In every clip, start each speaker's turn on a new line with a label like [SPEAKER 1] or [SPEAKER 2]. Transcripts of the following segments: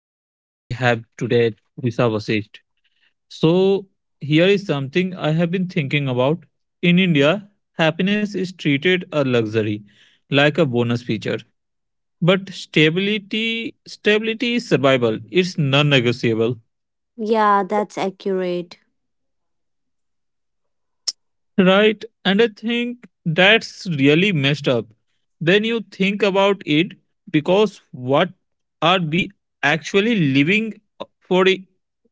[SPEAKER 1] For guest, we have today Visa Vasist. So, here is something I have been thinking about. In India, happiness is treated a luxury, like a bonus feature. But stability, stability is survival. It's non-negotiable.
[SPEAKER 2] Yeah, that's accurate.
[SPEAKER 1] Right. And I think that's really messed up. Then you think about it because what are we actually living for i-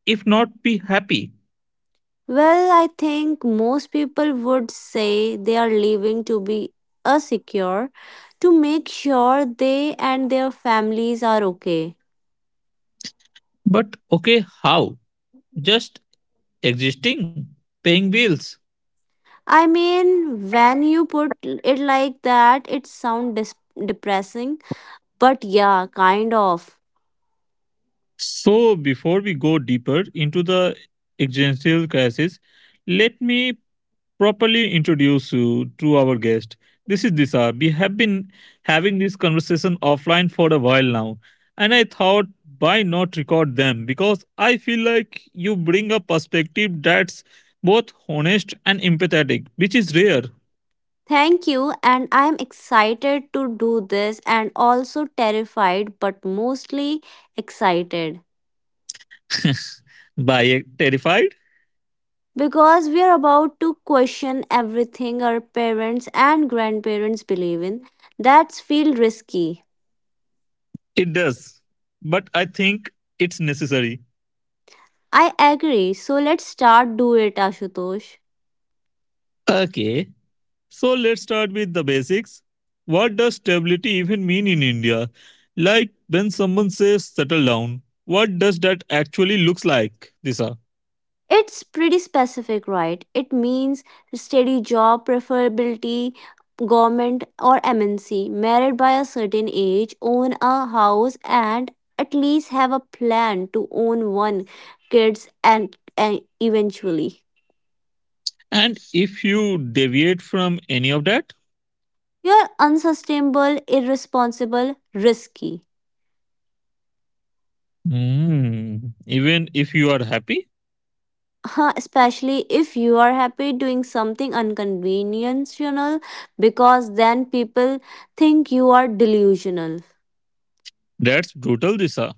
[SPEAKER 1] if not be happy?
[SPEAKER 2] Well, I think most people would say they are leaving to be a secure to make sure they and their families are okay.
[SPEAKER 1] But okay, how? Just existing, paying bills.
[SPEAKER 2] I mean, when you put it like that, it sounds depressing, but yeah, kind of.
[SPEAKER 1] So before we go deeper into the existential crisis, let me properly introduce you to our guest. This is Disha. We have been having this conversation offline for a while now, and I thought why not record them because I feel like you bring a perspective that's both honest and empathetic, which is rare.
[SPEAKER 2] Thank you, and I'm excited to do this and also terrified, but mostly excited.
[SPEAKER 1] By terrified?
[SPEAKER 2] Because we are about to question everything our parents and grandparents believe in. That's feel risky.
[SPEAKER 1] It does. But I think it's necessary.
[SPEAKER 2] I agree. So let's start do it, Ashutosh.
[SPEAKER 1] Okay, so let's start with the basics. What does stability even mean in India? Like when someone says settle down, what does that actually looks like, Disha?
[SPEAKER 2] It's pretty specific, right? It means steady job, preferability, government or MNC, married by a certain age, own a house, and at least have a plan to own one kids and, eventually.
[SPEAKER 1] And if you deviate from any of that,
[SPEAKER 2] You're unsustainable, irresponsible, risky.
[SPEAKER 1] hmm, even if you are happy,
[SPEAKER 2] Huh, especially if you are happy doing something unconventional, because then people think you are delusional.
[SPEAKER 1] that's brutal, Disha.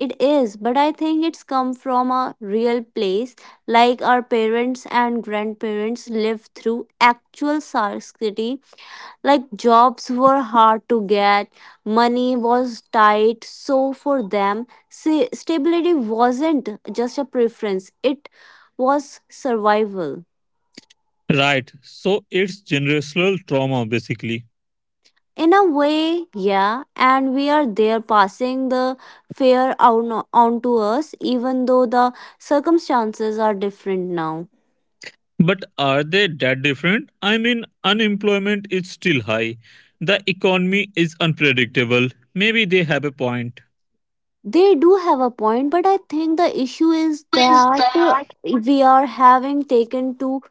[SPEAKER 2] It is, but I think it's come from a real place, like our parents and grandparents lived through actual scarcity. Like jobs were hard to get, money was tight, so for them, stability wasn't just a preference, it was survival.
[SPEAKER 1] Right. So it's generational trauma basically.
[SPEAKER 2] In a way, yeah, and we are there passing the fear on to us, even though the circumstances are different now.
[SPEAKER 1] But are they that different? I mean, unemployment is still high. The economy is unpredictable. Maybe they have a point.
[SPEAKER 2] They do have a point, but I think the issue is
[SPEAKER 1] Is
[SPEAKER 2] that
[SPEAKER 1] that?
[SPEAKER 2] we are having taken to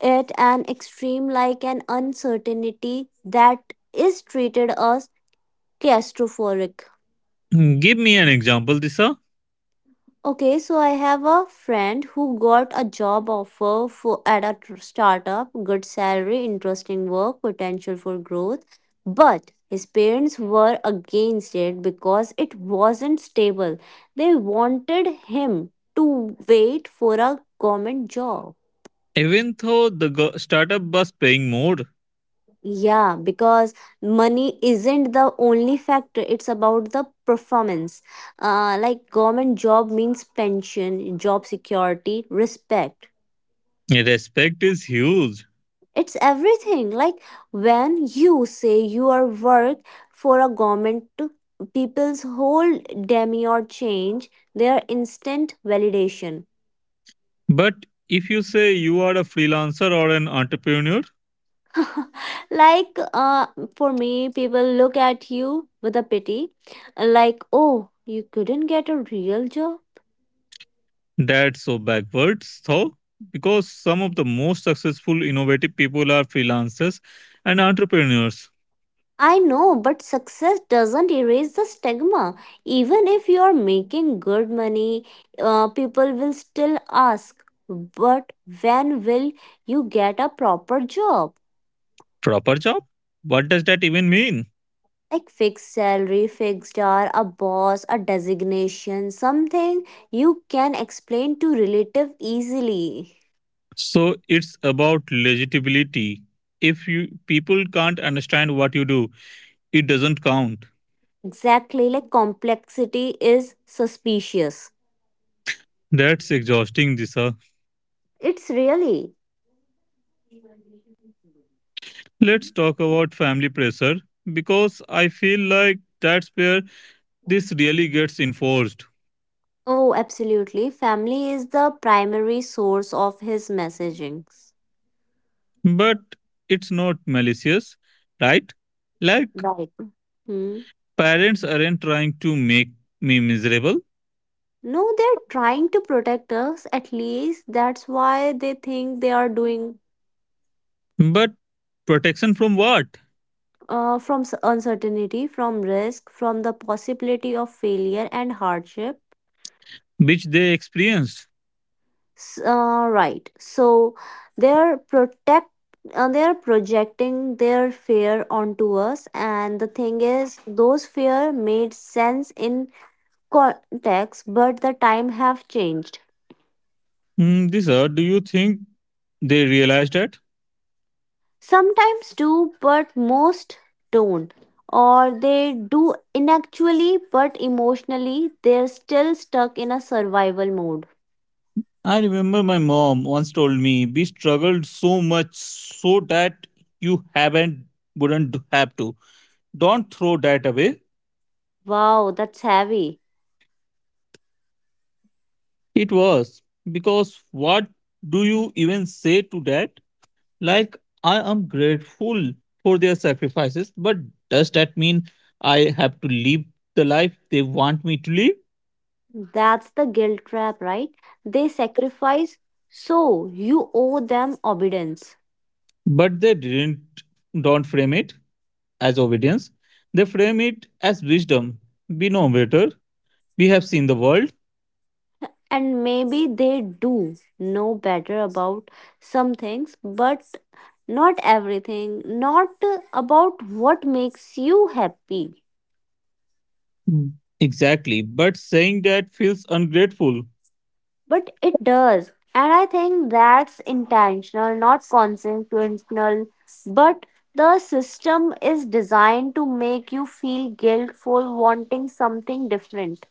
[SPEAKER 2] it an extreme like an uncertainty that is treated as claustrophobic.
[SPEAKER 1] Hmm, give me an example, Disa.
[SPEAKER 2] Okay, so I have a friend who got a job offer for at a startup, good salary, interesting work, potential for growth, but his parents were against it because it wasn't stable. They wanted him to wait for a government job.
[SPEAKER 1] Even though the startup was paying more,
[SPEAKER 2] Yeah, because money isn't the only factor. It's about the performance. Like government job means pension, job security, respect.
[SPEAKER 1] respect is huge.
[SPEAKER 2] It's everything. Like when you say you are work for a government, people's whole demure change their instant validation.
[SPEAKER 1] But if you say you are a freelancer or an entrepreneur,
[SPEAKER 2] Like for me, people look at you with a pity, like, oh, you couldn't get a real job.
[SPEAKER 1] that's so backwards, though, because some of the most successful innovative people are freelancers and entrepreneurs.
[SPEAKER 2] I know, but success doesn't erase the stigma. Even if you are making good money, people will still ask, but when will you get a proper job?
[SPEAKER 1] Proper job? What does that even mean?
[SPEAKER 2] Like fixed salary, fixed hour, a boss, a designation, something you can explain to relative easily.
[SPEAKER 1] So it's about legitimity. If you people can't understand what you do, it doesn't count.
[SPEAKER 2] Exactly, like complexity is suspicious.
[SPEAKER 1] That's exhausting, Disha.
[SPEAKER 2] It's really.
[SPEAKER 1] Let's talk about family pressure because I feel like that's where this really gets enforced.
[SPEAKER 2] Oh, absolutely. Family is the primary source of his messagings.
[SPEAKER 1] But it's not malicious, right? Like
[SPEAKER 2] Right. Hmm.
[SPEAKER 1] parents aren't trying to make me miserable,
[SPEAKER 2] No, they're trying to protect us, at least. That's why they think they are doing.
[SPEAKER 1] but protection from what?
[SPEAKER 2] From uncertainty, from risk, from the possibility of failure and hardship.
[SPEAKER 1] Which they experienced.
[SPEAKER 2] Right. So they're protect. They are projecting their fear onto us, and the thing is those fear made sense in context, but the time have changed.
[SPEAKER 1] Hmm, Disha, do you think they realize that?
[SPEAKER 2] Sometimes do, but most don't. Or they do inactually, but emotionally, they're still stuck in a survival mode.
[SPEAKER 1] I remember my mom once told me we struggled so much so that you haven't wouldn't have to. Don't throw that away.
[SPEAKER 2] Wow, that's heavy.
[SPEAKER 1] It was because what do you even say to that? Like I am grateful for their sacrifices, but does that mean I have to live the life they want me to live?
[SPEAKER 2] That's the guilt trap, right? They sacrifice, so you owe them obedience.
[SPEAKER 1] But they didn't don't frame it as obedience. They frame it as wisdom. We know better. We have seen the world.
[SPEAKER 2] And maybe they do know better about some things, but not everything, not about what makes you happy.
[SPEAKER 1] Mm. Exactly. But saying that feels ungrateful.
[SPEAKER 2] But it does, and I think that's intentional, not consequential, but the system is designed to make you feel guilt for wanting something different.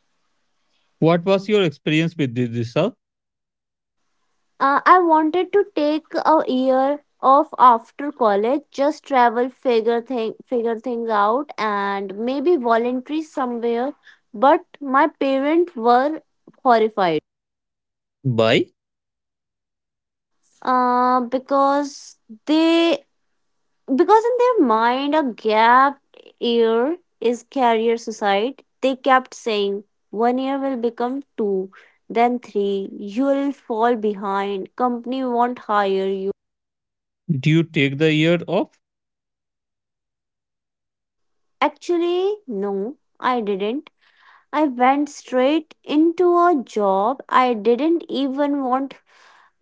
[SPEAKER 1] What was your experience with this, Disha?
[SPEAKER 2] I wanted to take a year off after college, just travel, figure things out, and maybe voluntary somewhere. But my parents were horrified.
[SPEAKER 1] Why?
[SPEAKER 2] Uh, because they because in their mind a gap year is career suicide. They kept saying one year will become two, then three. You will fall behind. Company won't hire you.
[SPEAKER 1] Do you take the year off?
[SPEAKER 2] Actually, no, I didn't. I went straight into a job I didn't even want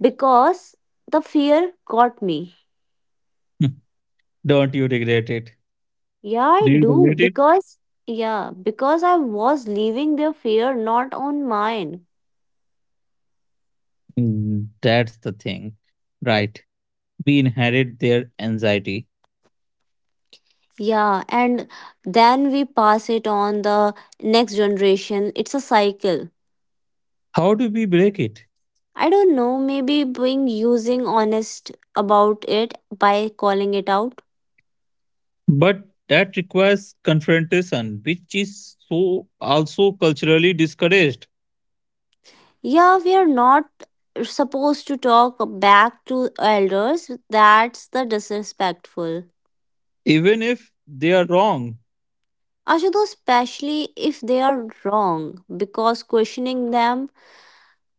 [SPEAKER 2] because the fear got me.
[SPEAKER 1] Don't you regret it?
[SPEAKER 2] Yeah, I
[SPEAKER 1] Do you
[SPEAKER 2] do.
[SPEAKER 1] regret it?
[SPEAKER 2] Yeah, because I was leaving their fear, not on mine.
[SPEAKER 1] Mm, that's the thing. Right. We inherit their anxiety.
[SPEAKER 2] Yeah, and then we pass it on the next generation. It's a cycle.
[SPEAKER 1] How do we break it?
[SPEAKER 2] I don't know, maybe being using honest about it by calling it out.
[SPEAKER 1] But that requires confrontation, which is so also culturally discouraged,
[SPEAKER 2] Yeah, we are not supposed to talk back to elders. That's the disrespectful.
[SPEAKER 1] even if they are wrong.
[SPEAKER 2] Ashutosh, especially if they are wrong, because questioning them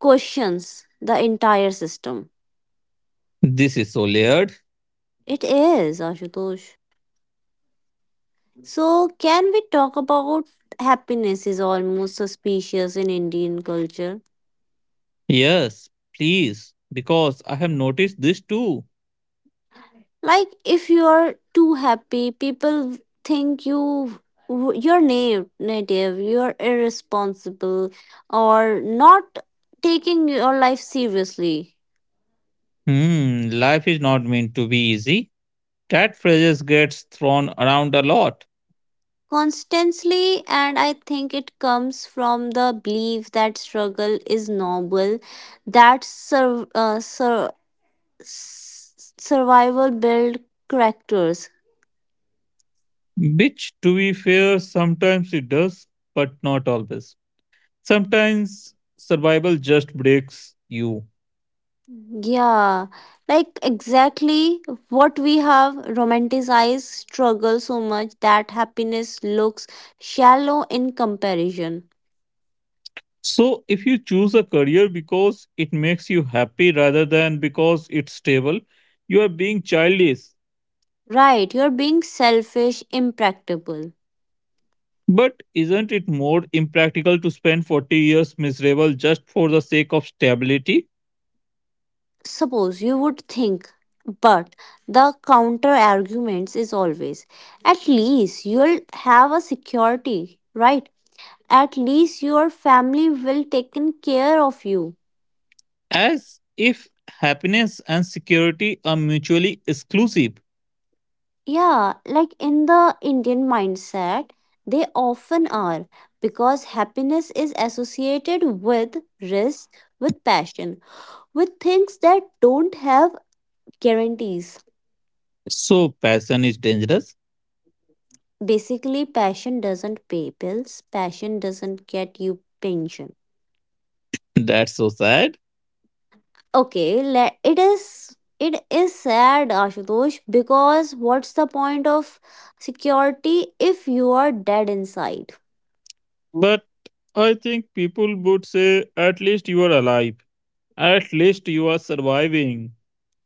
[SPEAKER 2] questions the entire system.
[SPEAKER 1] This is so layered.
[SPEAKER 2] It is, Ashutosh. So, can we talk about happiness is almost suspicious in Indian culture?
[SPEAKER 1] Yes, please, because I have noticed this too.
[SPEAKER 2] Like if you are too happy, people think you're naive, native, you're irresponsible or not taking your life seriously.
[SPEAKER 1] Hmm, life is not meant to be easy. That phrase gets thrown around a lot,
[SPEAKER 2] Constantly, and I think it comes from the belief that struggle is noble, that survival build characters.
[SPEAKER 1] which, to be fair, sometimes it does, but not always. Sometimes survival just breaks you.
[SPEAKER 2] Yeah, like exactly what we have romanticized struggle so much that happiness looks shallow in comparison.
[SPEAKER 1] So, if you choose a career because it makes you happy rather than because it's stable, you are being childish.
[SPEAKER 2] Right, you're being selfish, impractical.
[SPEAKER 1] But isn't it more impractical to spend 40 years miserable just for the sake of stability?
[SPEAKER 2] Suppose you would think, but the counter arguments is always at least you'll have a security, right? At least your family will taken care of you.
[SPEAKER 1] As if happiness and security are mutually exclusive.
[SPEAKER 2] Yeah, like in the Indian mindset, they often are because happiness is associated with risk, with passion, with things that don't have guarantees.
[SPEAKER 1] So, passion is dangerous.
[SPEAKER 2] Basically, passion doesn't pay bills, passion doesn't get you pension.
[SPEAKER 1] That's so sad.
[SPEAKER 2] Okay, let it is sad, Ashutosh, because what's the point of security if you are dead inside?
[SPEAKER 1] But I think people would say, at least you are alive. At least you are surviving.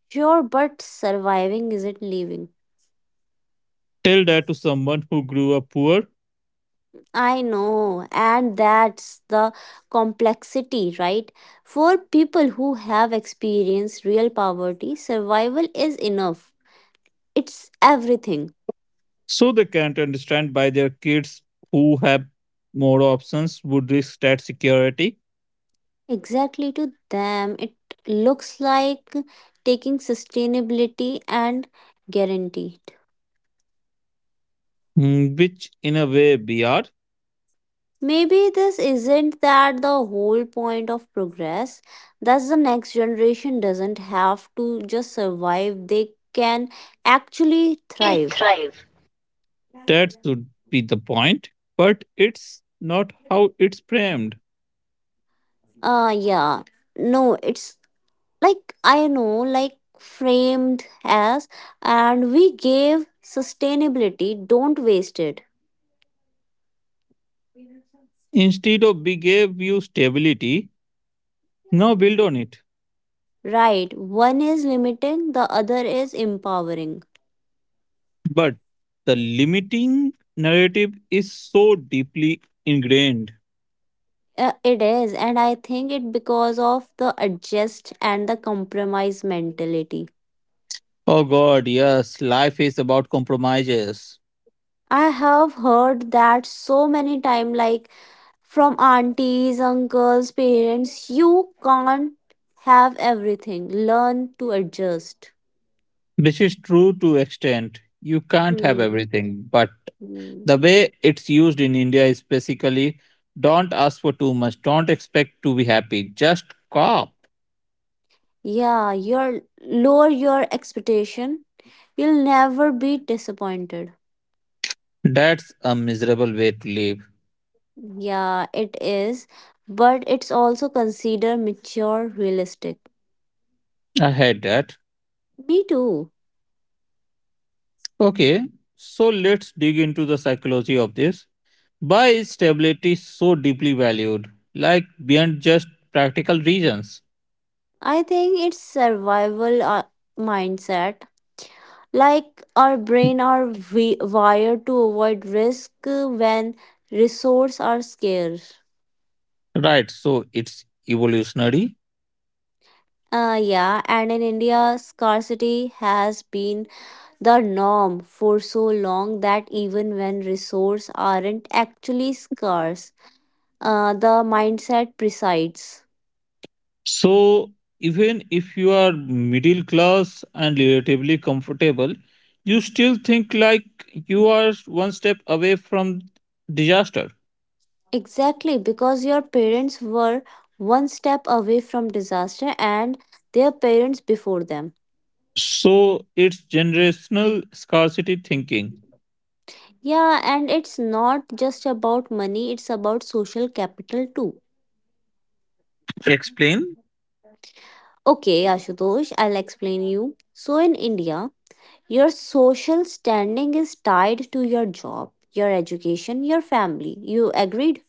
[SPEAKER 2] Sure, but surviving isn't living.
[SPEAKER 1] Tell that to someone who grew up poor,
[SPEAKER 2] I know, and that's the complexity, right? For people who have experienced real poverty, survival is enough. It's everything.
[SPEAKER 1] so they can't understand why their kids who have more options would risk that security.
[SPEAKER 2] Exactly, to them it looks like taking sustainability and guaranteed.
[SPEAKER 1] Mm, which in a way we are.
[SPEAKER 2] Maybe this isn't that the whole point of progress. Thus, the next generation doesn't have to just survive, they can actually
[SPEAKER 1] We
[SPEAKER 2] thrive.
[SPEAKER 1] thrive. That should be the point, but it's not how it's framed.
[SPEAKER 2] Yeah. No, it's like I know, like framed as, and we gave sustainability, don't waste it.
[SPEAKER 1] Instead of we gave you stability, now build on it.
[SPEAKER 2] Right. One is limiting, the other is empowering.
[SPEAKER 1] But the limiting narrative is so deeply ingrained.
[SPEAKER 2] It is, and I think it because of the adjust and the compromise mentality.
[SPEAKER 1] Oh God, yes, life is about compromises,
[SPEAKER 2] I have heard that so many time, like from aunties, uncles, parents, you can't have everything. Learn to adjust.
[SPEAKER 1] which is true to extent. You can't have
[SPEAKER 2] Hmm.
[SPEAKER 1] everything, but
[SPEAKER 2] Mm.
[SPEAKER 1] the way it's used in India is basically don't ask for too much, don't expect to be happy, just cop.
[SPEAKER 2] Yeah, you're lower your expectation. You'll never be disappointed.
[SPEAKER 1] That's a miserable way to live.
[SPEAKER 2] Yeah, it is, but it's also considered mature, realistic.
[SPEAKER 1] I had that.
[SPEAKER 2] Me too.
[SPEAKER 1] Okay, so let's dig into the psychology of this. Why is stability so deeply valued? Like beyond just practical reasons.
[SPEAKER 2] I think it's survival mindset. Like our brain are wired to avoid risk when resources are scarce.
[SPEAKER 1] Right, so it's evolutionary.
[SPEAKER 2] Yeah, and in India, scarcity has been the norm for so long that even when resources aren't actually scarce, the mindset presides.
[SPEAKER 1] So, even if you are middle class and relatively comfortable, you still think like you are one step away from disaster.
[SPEAKER 2] Exactly, because your parents were one step away from disaster, and their parents before them.
[SPEAKER 1] So, it's generational scarcity thinking.
[SPEAKER 2] Yeah, and it's not just about money, it's about social capital too.
[SPEAKER 1] Explain.
[SPEAKER 2] Okay, Ashutosh, I'll explain you. So in India, your social standing is tied to your job, your education, your family. You agreed?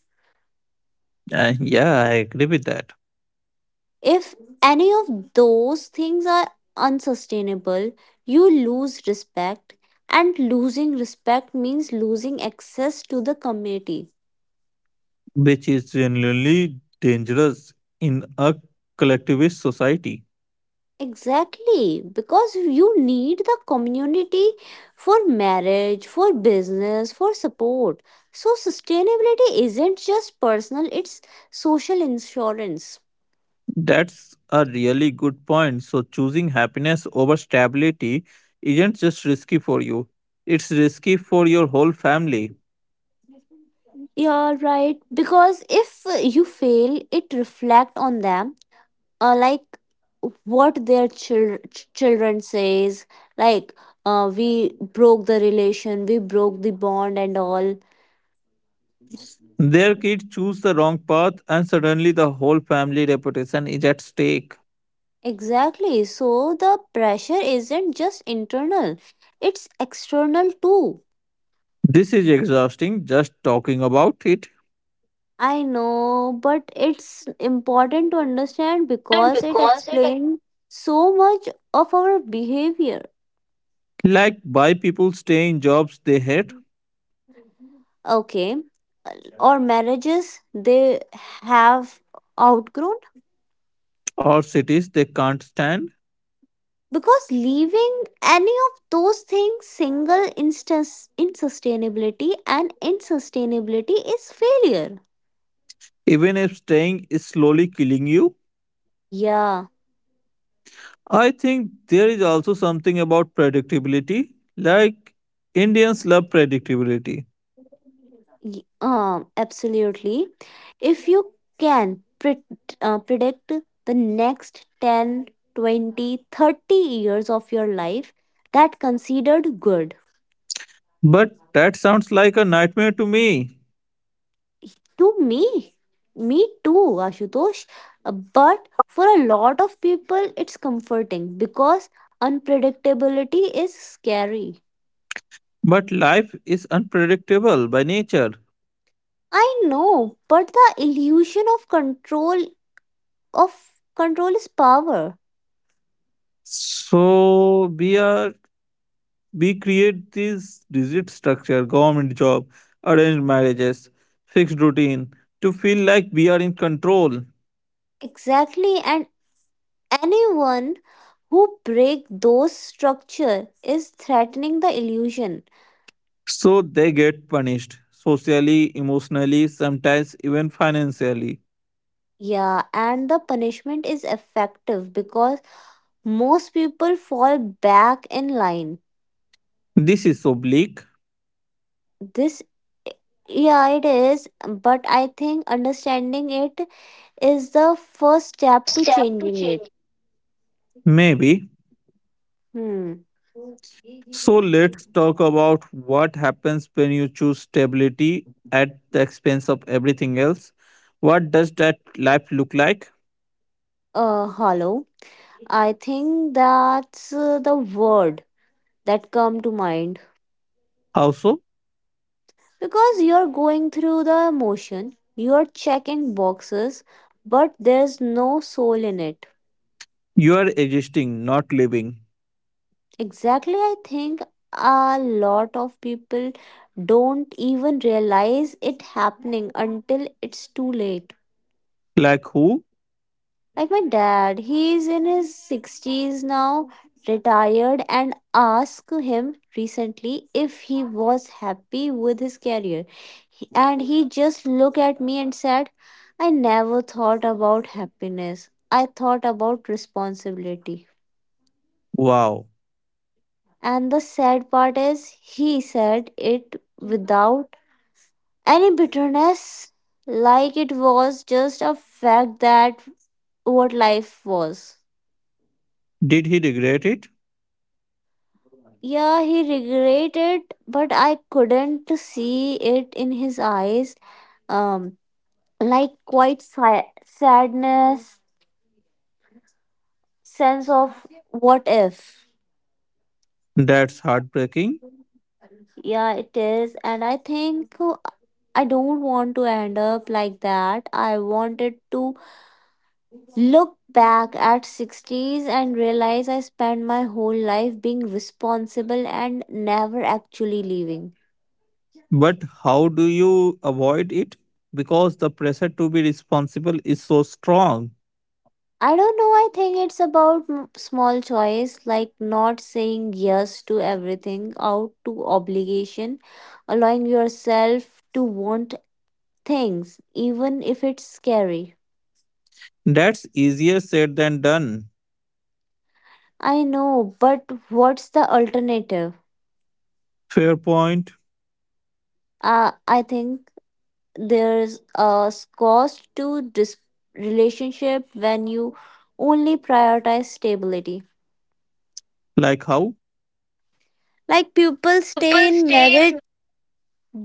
[SPEAKER 1] Yeah, I agree with that,
[SPEAKER 2] If any of those things are unsustainable, you lose respect, and losing respect means losing access to the community.
[SPEAKER 1] which is genuinely dangerous in a collectivist society.
[SPEAKER 2] Exactly, because you need the community for marriage, for business, for support. So, sustainability isn't just personal, it's social insurance.
[SPEAKER 1] That's a really good point. So, choosing happiness over stability isn't just risky for you, it's risky for your whole family.
[SPEAKER 2] You're right. Because if you fail, it reflect on them. Like what their children says. Like we broke the relation, we broke the bond and all.
[SPEAKER 1] Their kids choose the wrong path, and suddenly the whole family reputation is at stake.
[SPEAKER 2] Exactly. So the pressure isn't just internal, it's external too.
[SPEAKER 1] This is exhausting just talking about it.
[SPEAKER 2] I know, but it's important to understand
[SPEAKER 1] And
[SPEAKER 2] because it
[SPEAKER 1] because it,
[SPEAKER 2] explains so much of our behavior.
[SPEAKER 1] like why people stay in jobs they hate
[SPEAKER 2] Okay. or marriages they have outgrown,
[SPEAKER 1] or cities they can't stand,
[SPEAKER 2] because leaving any of those things single instance insustainability and insustainability is failure.
[SPEAKER 1] even if staying is slowly killing you.
[SPEAKER 2] Yeah.
[SPEAKER 1] I think there is also something about predictability. Like, Indians love predictability.
[SPEAKER 2] Absolutely. If you can predict the next 10, 20, 30 years of your life, that considered good.
[SPEAKER 1] But that sounds like a nightmare to me.
[SPEAKER 2] To me, me too, Ashutosh. But for a lot of people, it's comforting because unpredictability is scary.
[SPEAKER 1] But life is unpredictable by nature.
[SPEAKER 2] I know, but the illusion of control is power.
[SPEAKER 1] So we create this rigid structure, government job, arranged marriages, fixed routine to feel like we are in control.
[SPEAKER 2] Exactly, and anyone who break those structure is threatening the illusion.
[SPEAKER 1] So they get punished socially, emotionally, sometimes even financially.
[SPEAKER 2] Yeah, and the punishment is effective because most people fall back in line.
[SPEAKER 1] This is so bleak.
[SPEAKER 2] This. Yeah, it is, but I think understanding it is the first step to
[SPEAKER 1] Step to
[SPEAKER 2] changing it.
[SPEAKER 1] change. Maybe.
[SPEAKER 2] Hmm.
[SPEAKER 1] So let's talk about what happens when you choose stability at the expense of everything else. What does that life look like?
[SPEAKER 2] Hollow. I think that's the word that come to mind.
[SPEAKER 1] How so?
[SPEAKER 2] Because you're going through the emotion, you're checking boxes, but there's no soul in it.
[SPEAKER 1] You are existing, not living.
[SPEAKER 2] Exactly, I think a lot of people don't even realize it happening until it's too late.
[SPEAKER 1] Like who?
[SPEAKER 2] Like my dad, he is in his 60s now, retired, and asked him recently if he was happy with his career. And he just looked at me and said, I never thought about happiness. I thought about responsibility.
[SPEAKER 1] Wow.
[SPEAKER 2] And the sad part is, he said it without any bitterness, like it was just a fact that what life was.
[SPEAKER 1] Did he regret it?
[SPEAKER 2] Yeah, he regretted, but I couldn't see it in his eyes. Um, like quite sadness, sense of what if.
[SPEAKER 1] That's heartbreaking.
[SPEAKER 2] Yeah, it is, and I think I don't want to end up like that. I wanted to look back at 60s and realize I spent my whole life being responsible and never actually leaving.
[SPEAKER 1] But how do you avoid it? Because the pressure to be responsible is so strong.
[SPEAKER 2] I don't know. I think it's about small choice, like not saying yes to everything out to obligation, allowing yourself to want things, even if it's scary.
[SPEAKER 1] That's easier said than done.
[SPEAKER 2] I know, but what's the alternative?
[SPEAKER 1] Fair point.
[SPEAKER 2] I think there's a cost to relationship when you only prioritize stability.
[SPEAKER 1] Like how?
[SPEAKER 2] Like people
[SPEAKER 1] People
[SPEAKER 2] stay in
[SPEAKER 1] stay
[SPEAKER 2] marriage
[SPEAKER 1] in.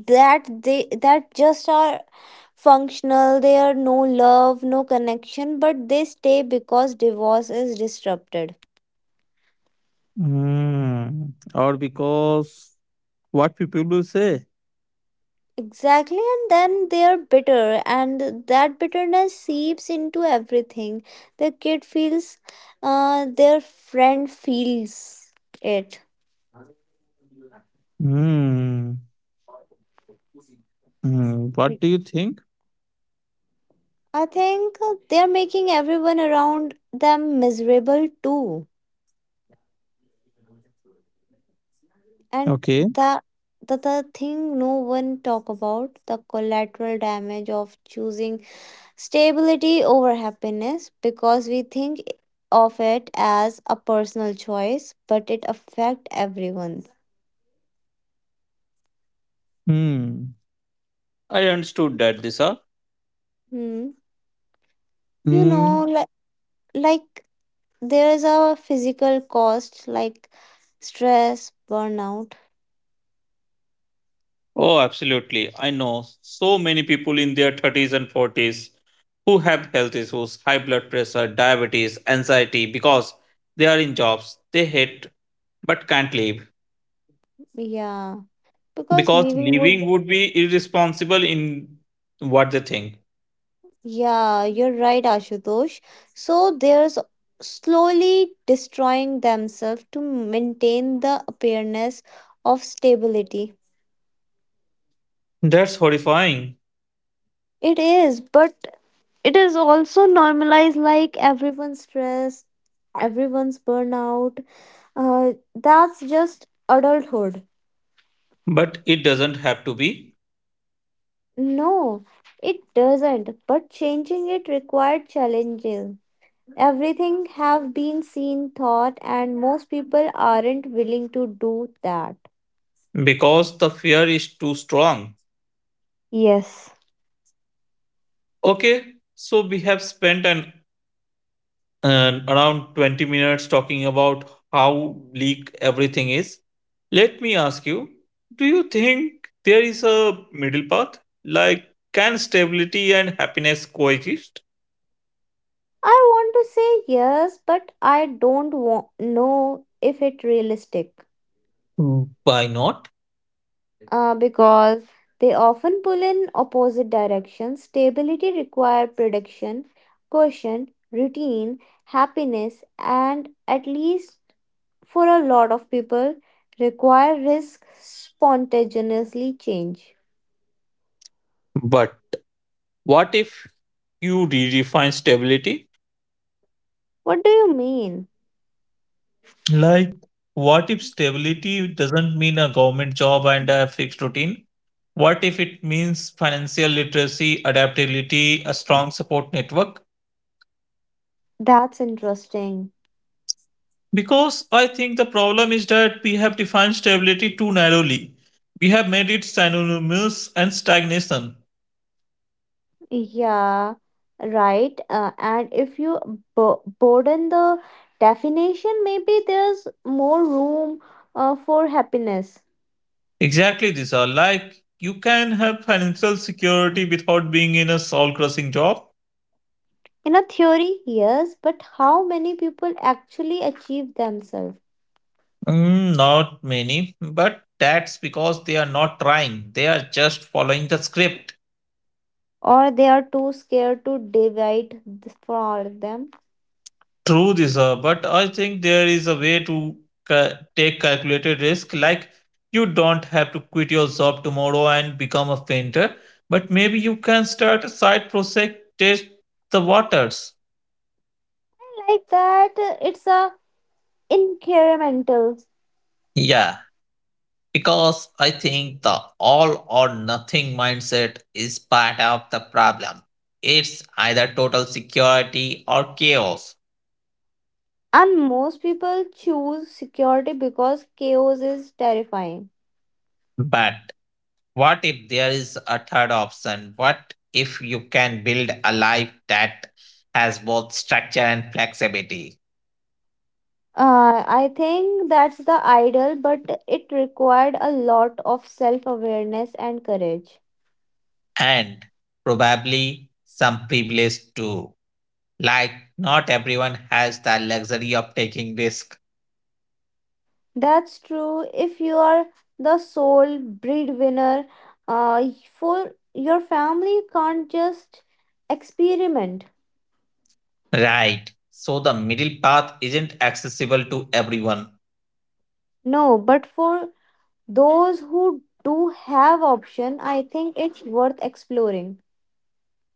[SPEAKER 2] that just are functional, they are no love, no connection, but they stay because divorce is disrupted.
[SPEAKER 1] Hmm. Or because what people will say.
[SPEAKER 2] Exactly, and then they are bitter, and that bitterness seeps into everything. The kid feels, their friend feels it.
[SPEAKER 1] Hmm. Hmm. What do you think?
[SPEAKER 2] I think they are making everyone around them miserable too, and
[SPEAKER 1] Okay.
[SPEAKER 2] the the thing no one talk about, the collateral damage of choosing stability over happiness, because we think of it as a personal choice but it affect everyone.
[SPEAKER 1] Hmm. I understood that, Disha.
[SPEAKER 2] Hmm. You
[SPEAKER 1] Hmm.
[SPEAKER 2] know, like there's a physical cost, like stress, burnout.
[SPEAKER 1] Oh, absolutely. I know so many people in their 30s and 40s who have health issues, high blood pressure, diabetes, anxiety because they are in jobs they hate but can't leave
[SPEAKER 2] Yeah. Because
[SPEAKER 1] because
[SPEAKER 2] living would.
[SPEAKER 1] leaving would be irresponsible in what they think.
[SPEAKER 2] Yeah, you're right, Ashutosh. So they're slowly destroying themselves to maintain the appearance of stability.
[SPEAKER 1] That's horrifying.
[SPEAKER 2] It is, but it is also normalized, like everyone's stress, everyone's burnout. That's just adulthood.
[SPEAKER 1] But it doesn't have to be
[SPEAKER 2] No, it doesn't, but changing it required challenges. Everything have been seen, thought, and most people aren't willing to do that.
[SPEAKER 1] because the fear is too strong.
[SPEAKER 2] Yes.
[SPEAKER 1] Okay, so we have spent an around 20 minutes talking about how bleak everything is. Let me ask you, do you think there is a middle path? Like, can stability and happiness coexist?
[SPEAKER 2] I want to say yes, but I don't know if it's realistic.
[SPEAKER 1] Mm, why not?
[SPEAKER 2] Because they often pull in opposite directions. Stability requires prediction, caution, routine, happiness, and at least for a lot of people, require risk spontaneously change.
[SPEAKER 1] But what if you redefine stability?
[SPEAKER 2] What do you mean?
[SPEAKER 1] Like, what if stability doesn't mean a government job and a fixed routine? What if it means financial literacy, adaptability, a strong support network?
[SPEAKER 2] That's interesting.
[SPEAKER 1] Because I think the problem is that we have defined stability too narrowly. We have made it synonymous and stagnation.
[SPEAKER 2] Yeah, right. And if you broaden the definition, maybe there's more room for happiness.
[SPEAKER 1] Exactly, these are like you can have financial security without being in a soul crushing job.
[SPEAKER 2] In a theory, yes, but how many people actually achieve themselves?
[SPEAKER 1] Mm, not many, but that's because they are not trying. They are just following the script.
[SPEAKER 2] Or they are too scared to divide for them?
[SPEAKER 1] True, but I think there is a way to take calculated risk. Like you don't have to quit your job tomorrow and become a painter, but maybe you can start a side project, test the waters.
[SPEAKER 2] Like that, it's a incremental.
[SPEAKER 1] Yeah, because I think the all or nothing mindset is part of the problem. It's either total security or chaos.
[SPEAKER 2] And most people choose security because chaos is terrifying.
[SPEAKER 1] But what if there is a third option? What if you can build a life that has both structure and flexibility,
[SPEAKER 2] I think that's the ideal, but it required a lot of self awareness and courage.
[SPEAKER 1] and probably some privilege too? Like, not everyone has the luxury of taking risk,
[SPEAKER 2] That's true. If you are the sole breadwinner, uh, for your family you can't just experiment.
[SPEAKER 1] right? So, the middle path isn't accessible to everyone.
[SPEAKER 2] No, but for those who do have option, I think it's worth exploring.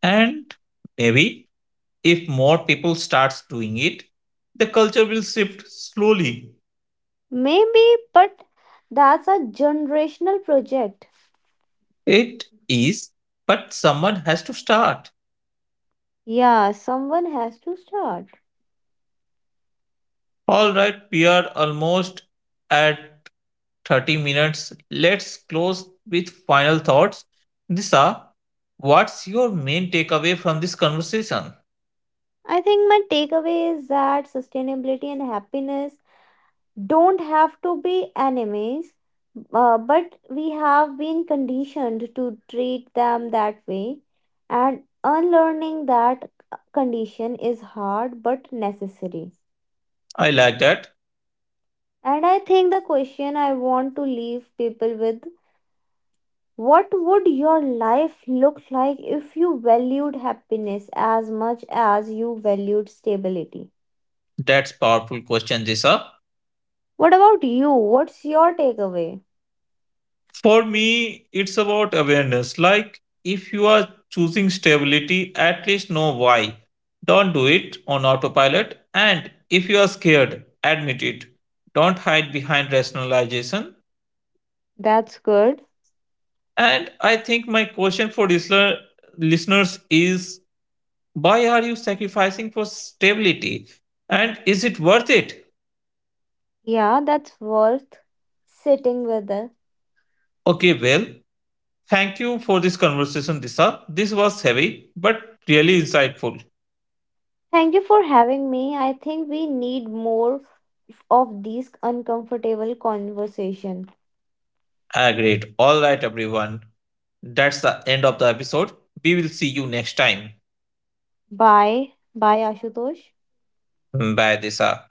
[SPEAKER 1] And maybe if more people starts doing it, the culture will shift slowly.
[SPEAKER 2] Maybe, but that's a generational project.
[SPEAKER 1] It is, but someone has to start.
[SPEAKER 2] Yeah, someone has to start.
[SPEAKER 1] All right, we are almost at 30 minutes. Let's close with final thoughts. Nisa, what's your main takeaway from this conversation?
[SPEAKER 2] I think my takeaway is that sustainability and happiness don't have to be enemies, but we have been conditioned to treat them that way. And unlearning that condition is hard but necessary.
[SPEAKER 1] I like that.
[SPEAKER 2] And I think the question I want to leave people with, what would your life look like if you valued happiness as much as you valued stability?
[SPEAKER 1] That's powerful question, Nisa.
[SPEAKER 2] What about you? What's your takeaway?
[SPEAKER 1] For me, it's about awareness. Like, if you are choosing stability, at least know why. Don't do it on autopilot. And if you are scared, admit it. Don't hide behind rationalization.
[SPEAKER 2] That's good.
[SPEAKER 1] And I think my question for listeners is why are you sacrificing for stability? And is it worth it?
[SPEAKER 2] Yeah, that's worth sitting with it.
[SPEAKER 1] Okay, well, thank you for this conversation, Disha. This was heavy, but really insightful.
[SPEAKER 2] Thank you for having me. I think we need more of these uncomfortable conversation.
[SPEAKER 1] Ah, great! All right, everyone. That's the end of the episode. We will see you next time.
[SPEAKER 2] Bye. Bye, Ashutosh.
[SPEAKER 1] Bye, Disa.